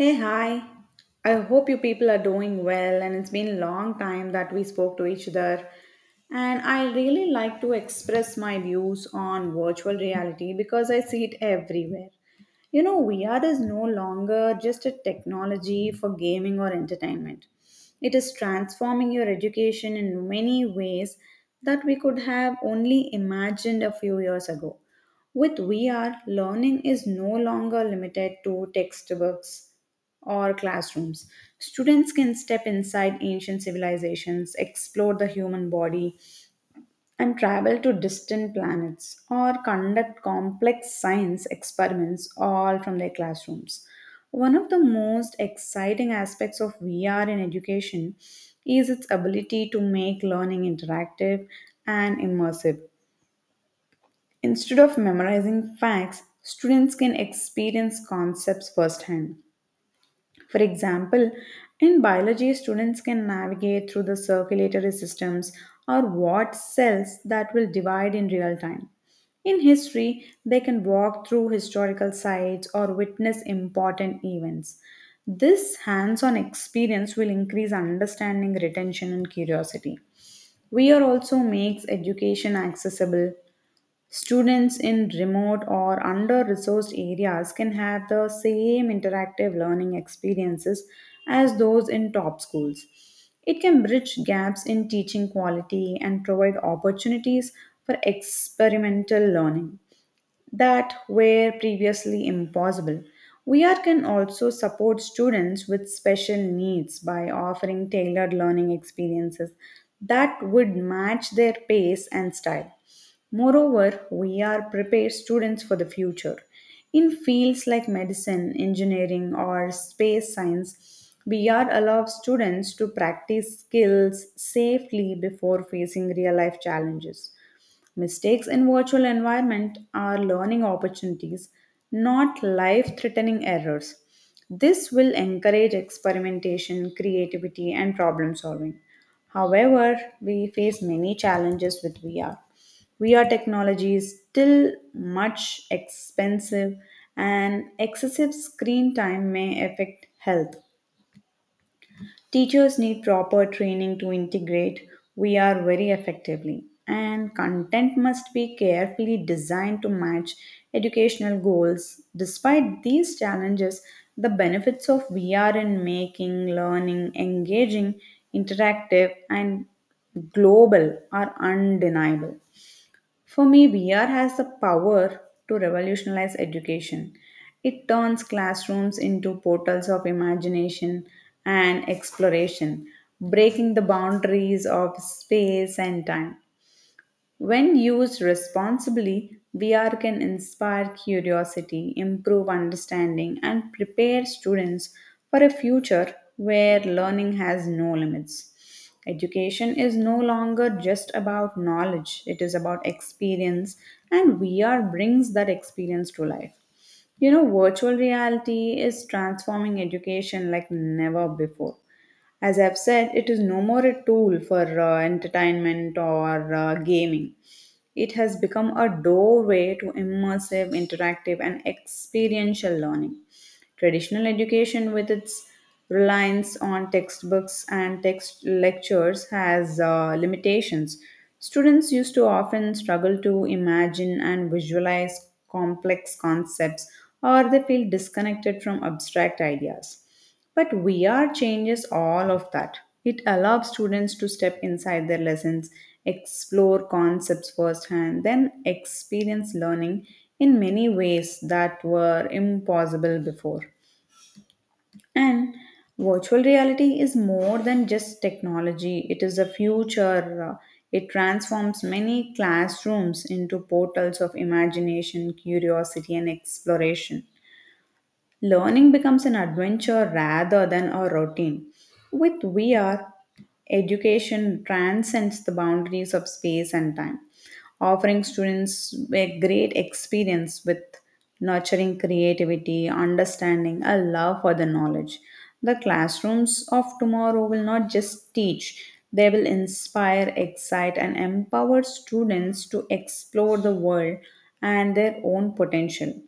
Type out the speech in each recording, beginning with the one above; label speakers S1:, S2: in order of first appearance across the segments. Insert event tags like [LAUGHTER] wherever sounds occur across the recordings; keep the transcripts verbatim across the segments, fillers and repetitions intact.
S1: Hey, hi. I hope you people are doing well, and it's been a long time that we spoke to each other. And I really like to express my views on virtual reality because I see it everywhere. You know, V R is no longer just a technology for gaming or entertainment. It is transforming your education in many ways that we could have only imagined a few years ago. With V R, learning is no longer limited to textbooks or classrooms. Students can step inside ancient civilizations, explore the human body, and travel to distant planets or conduct complex science experiments all from their classrooms. One of the most exciting aspects of V R in education is its ability to make learning interactive and immersive. Instead of memorizing facts, students can experience concepts firsthand. For example, in biology, students can navigate through the circulatory systems or what cells that will divide in real time. In history, they can walk through historical sites or witness important events. This hands on experience will increase understanding, retention, and curiosity. V R also makes education accessible. Students in remote or under resourced areas can have the same interactive learning experiences as those in top schools. It can bridge gaps in teaching quality and provide opportunities for experimental learning that were previously impossible. V R can also support students with special needs by offering tailored learning experiences that would match their pace and style. Moreover, we are prepared students for the future. In fields like medicine, engineering, or space science, we are allowed students to practice skills safely before facing real life challenges. Mistakes in virtual environment are learning opportunities, not life-threatening errors. This will encourage experimentation, creativity, and problem solving. However, we face many challenges with V R. V R technology is still much expensive and excessive screen time may affect health. Teachers need proper training to integrate V R very effectively, and content must be carefully designed to match educational goals. Despite these challenges, the benefits of V R in making learning engaging, interactive, and global are undeniable. For me, V R has the power to revolutionize education. It turns classrooms into portals of imagination and exploration, breaking the boundaries of space and time. When used responsibly, V R can inspire curiosity, improve understanding, and prepare students for a future where learning has no limits. Education is no longer just about knowledge, it is about experience, and V R brings that experience to life. You know, virtual reality is transforming education like never before. As I've said, it is no more a tool for uh, entertainment or uh, gaming. It has become a doorway to immersive, interactive, and experiential learning. Traditional education, with its reliance on textbooks and text lectures, has uh, limitations. Students used to often struggle to imagine and visualize complex concepts, or they feel disconnected from abstract ideas. But V R changes all of that. It allows students to step inside their lessons, explore concepts firsthand, then experience learning in many ways that were impossible before. And virtual reality is more than just technology, it is a future. uh, It transforms many classrooms into portals of imagination, curiosity, and exploration. Learning becomes an adventure rather than a routine. With V R, education transcends the boundaries of space and time, offering students a great experience with nurturing creativity, understanding, a love for the knowledge. The classrooms of tomorrow will not just teach, they will inspire, excite, and empower students to explore the world and their own potential.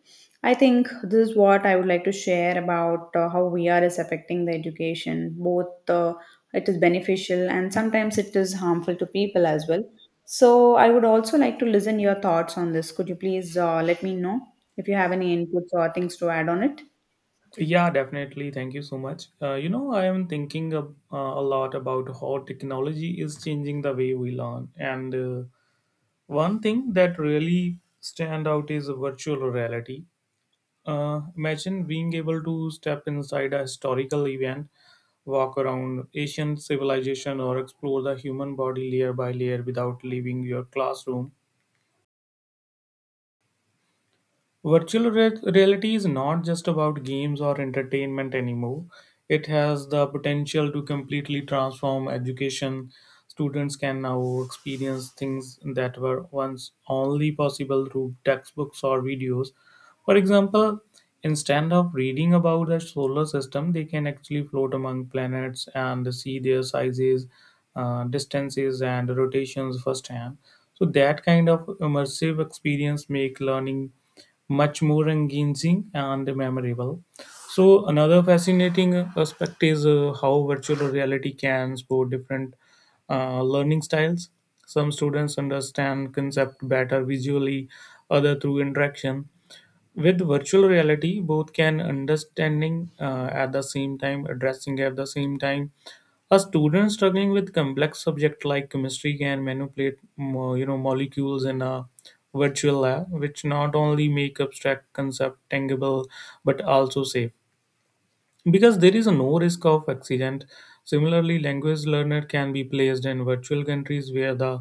S1: I think this is what I would like to share about uh, how V R is affecting the education. Both uh, it is beneficial and sometimes it is harmful to people as well. So I would also like to listen your thoughts on this. Could you please uh, let me know if you have any inputs or things to add on it?
S2: Yeah, definitely. Thank you so much. Uh, you know, I am thinking ab- uh, a lot about how technology is changing the way we learn. And uh, One thing that really stand out is virtual reality. Uh, imagine being able to step inside a historical event, walk around ancient civilization, or explore the human body layer by layer without leaving your classroom. Virtual re- reality is not just about games or entertainment anymore. It has the potential to completely transform education. Students can now experience things that were once only possible through textbooks or videos. For example, instead of reading about the solar system, they can actually float among planets and see their sizes, uh, distances, and rotations firsthand. So that kind of immersive experience make learning much more engaging and memorable. So another fascinating aspect is uh, how virtual reality can support different uh, learning styles. Some students understand concept better visually, other through interaction, with virtual reality both can understanding uh, at the same time, addressing at the same time a student struggling with complex subject like chemistry can manipulate mo- you know molecules in a virtual lab, which not only make abstract concept tangible but also safe because there is no risk of accident. Similarly, language learner can be placed in virtual countries where the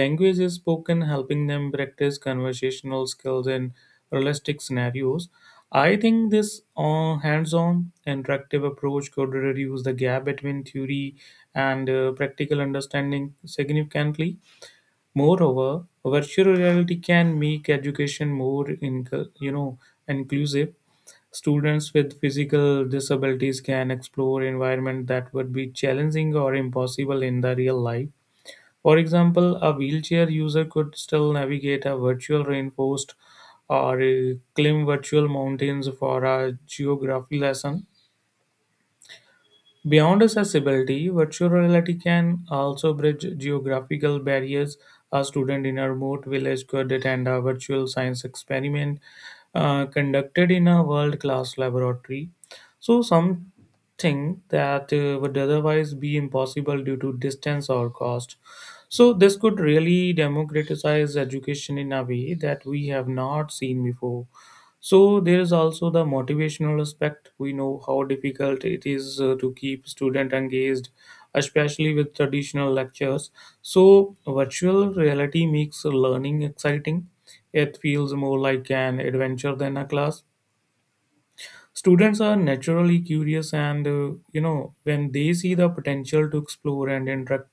S2: language is spoken, helping them practice conversational skills in realistic scenarios. I think this uh, hands-on interactive approach could reduce the gap between theory and uh, practical understanding significantly. Moreover, virtual reality can make education more in, you know inclusive. Students with physical disabilities can explore environments that would be challenging or impossible in the real life. For example, a wheelchair user could still navigate a virtual rainforest or uh, climb virtual mountains for a geography lesson. Beyond accessibility, virtual reality can also bridge geographical barriers. A student in a remote village could attend a virtual science experiment uh, conducted in a world class laboratory. So, something that uh, would otherwise be impossible due to distance or cost. So, this could really democratize education in a way that we have not seen before. So there is also the motivational aspect. We know how difficult it is uh, to keep student engaged, especially with traditional lectures. So virtual reality makes learning exciting. It feels more like an adventure than a class. Students are naturally curious, and uh, you know when they see the potential to explore and interact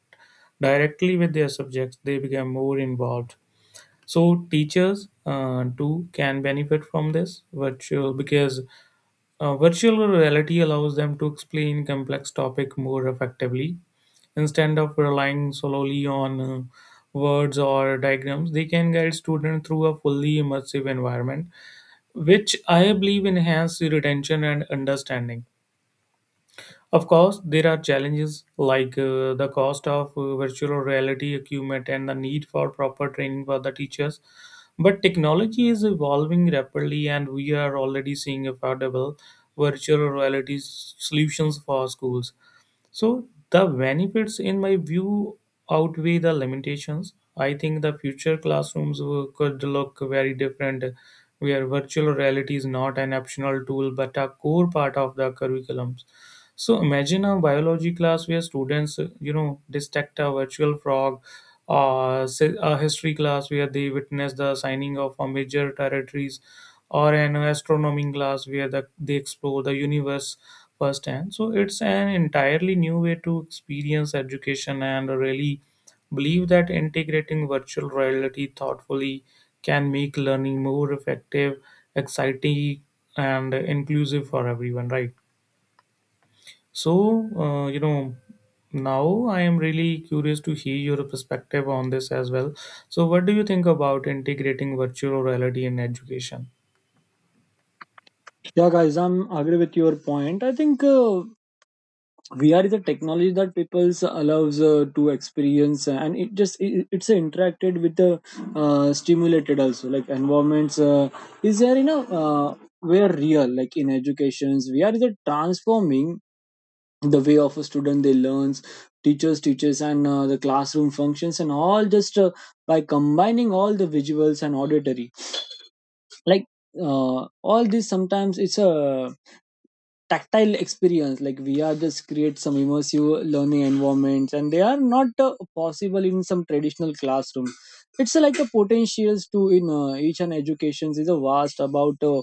S2: directly with their subjects, they become more involved. So teachers uh, too can benefit from this virtual because uh, virtual reality allows them to explain complex topic more effectively. Instead of relying solely on uh, words or diagrams, they can guide students through a fully immersive environment, which I believe enhance retention and understanding. Of course, there are challenges like uh, the cost of uh, virtual reality equipment and the need for proper training for the teachers. But technology is evolving rapidly, and we are already seeing affordable virtual reality s- solutions for schools. So, the benefits, in my view, outweigh the limitations. I think the future classrooms will- could look very different, where virtual reality is not an optional tool but a core part of the curriculum. So imagine a biology class where students, uh, you know, dissect a virtual frog, or say a history class where they witness the signing of a major territories, or an astronomy class where the, they explore the universe firsthand. So it's an entirely new way to experience education, and I really believe that integrating virtual reality thoughtfully can make learning more effective, exciting, and inclusive for everyone, right? So, uh, you know, now I am really curious to hear your perspective on this as well. So, what do you think about integrating virtual reality in education?
S3: Yeah, guys, I'm agree with your point. I think uh, V R is a technology that people allows uh, to experience, uh, and it just it, it's uh, interacted with the uh, stimulated also like environments. Uh, is there you know uh, where real like in educations V R is a transforming the way of a student they learns, teachers teaches and uh, the classroom functions and all just uh, by combining all the visuals and auditory like uh, all this sometimes it's a tactile experience like vr just creates some immersive learning environments and they are not uh, possible in some traditional classroom it's uh, like the potentials to in uh, each and educations is a vast about uh,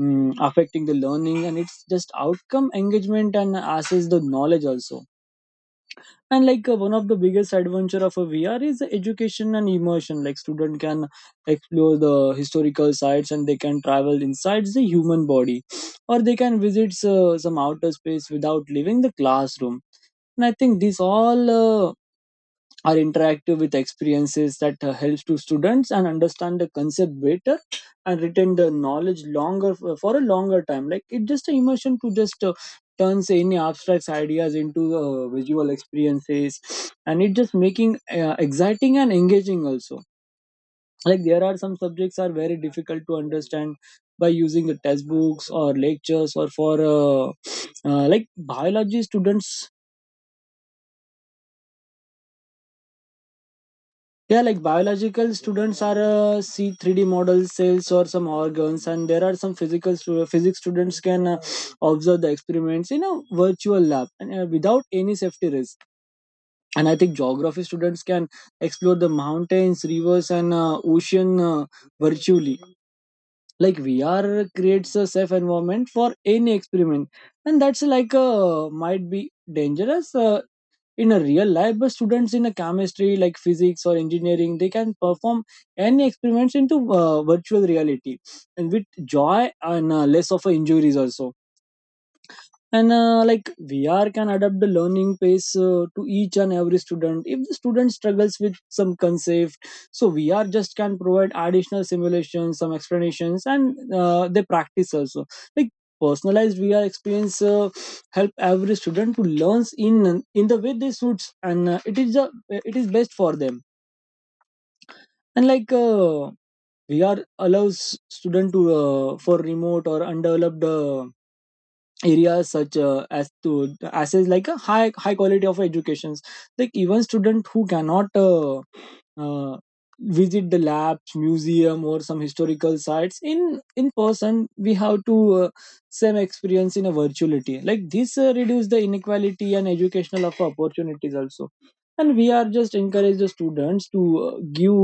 S3: mm, affecting the learning and it's just outcome engagement and assess the knowledge also and like uh, one of the biggest adventure of a vr is the education and immersion like student can explore the historical sites and they can travel inside the human body or they can visit uh, some outer space without leaving the classroom and I think this all uh, are interactive with experiences that uh, helps to students and understand the concept better and retain the knowledge longer uh, for a longer time like it just a immersion to just uh, turns any abstract ideas into uh, visual experiences and it just making uh, exciting and engaging also like there are some subjects are very difficult to understand by using the test books or lectures or for uh, uh, like biology students. Yeah, like biological students are uh, see three D models, cells, or some organs, and there are some physical stu- uh, physics students can uh, observe the experiments in a virtual lab and uh, without any safety risk. And I think geography students can explore the mountains, rivers, and uh, ocean uh, virtually. Like V R creates a safe environment for any experiment, and that's like uh, might be dangerous uh, in a real life but students in a chemistry like physics or engineering they can perform any experiments into uh, virtual reality and with joy and uh, less of uh, injuries also and uh, like vr can adapt the learning pace uh, to each and every student if the student struggles with some concept so vr just can provide additional simulations some explanations and uh, they practice also like personalized vr experience uh, help every student to learn in in the way they suits and uh, it is the it is best for them and like uh, vr allows student to uh, for remote or undeveloped uh, areas such uh, as to as is like a high high quality of educations like even student who cannot uh, uh, visit the labs museum or some historical sites in in person we have to uh, same experience in a virtuality like this uh, reduce the inequality and educational of opportunities also and we are just encourage the students to uh, give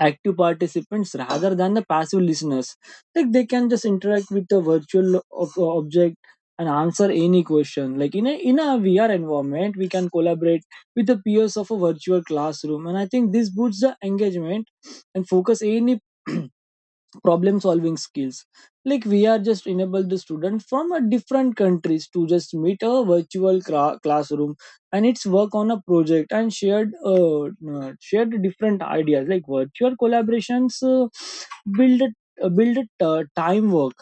S3: active participants rather than the passive listeners. Like they can just interact with the virtual ob- object and answer any question. Like in a in a V R environment, we can collaborate with the peers of a virtual classroom, and I think this boosts the engagement and focus any [CLEARS THROAT] problem solving skills like we are just enable the student from a different countries to just meet a virtual cra- classroom and it's work on a project and shared uh, uh, shared different ideas like virtual collaborations uh, build a uh, build a uh, time work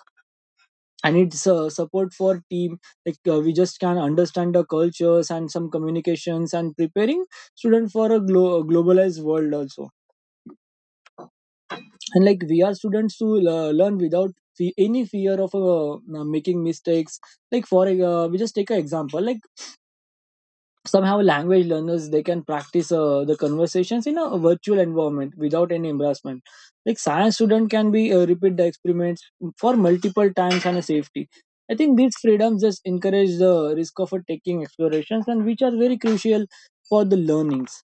S3: and it's uh, support for team like uh, we just can understand the cultures and some communications and preparing student for a glo- globalized world also and like we are students to uh, learn without fe- any fear of uh, uh, making mistakes like for e-, uh, we just take an example like somehow language learners they can practice uh, the conversations in a virtual environment without any embarrassment like science student can be uh, repeat the experiments for multiple times and a safety. I think these freedoms just encourage the risk of uh, taking explorations and which are very crucial for the learnings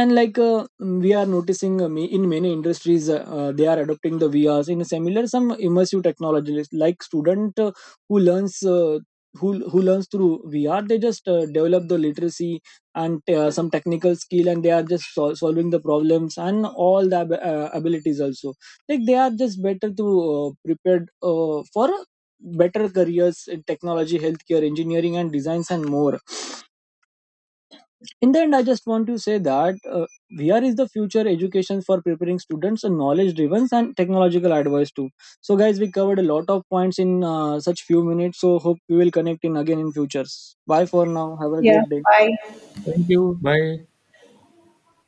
S3: and like uh, we are noticing uh, ma- in many industries uh, uh, they are adopting the vrs in similar some immersive technologies like student uh, who learns uh, who, who learns through V R, they just uh, develop the literacy and uh, some technical skill, and they are just sol- solving the problems and all the ab- uh, abilities also. Like they are just better to uh, prepared uh, for better careers in technology, healthcare, engineering, and designs and more. In the end I just want to say that uh, vr is the future education for preparing students and knowledge driven and technological advice too. So guys, we covered a lot of points in uh, such few minutes so hope we will connect in again in futures. Bye for now, have a
S1: Yeah,
S3: great day.
S1: bye.
S2: Thank you. Bye.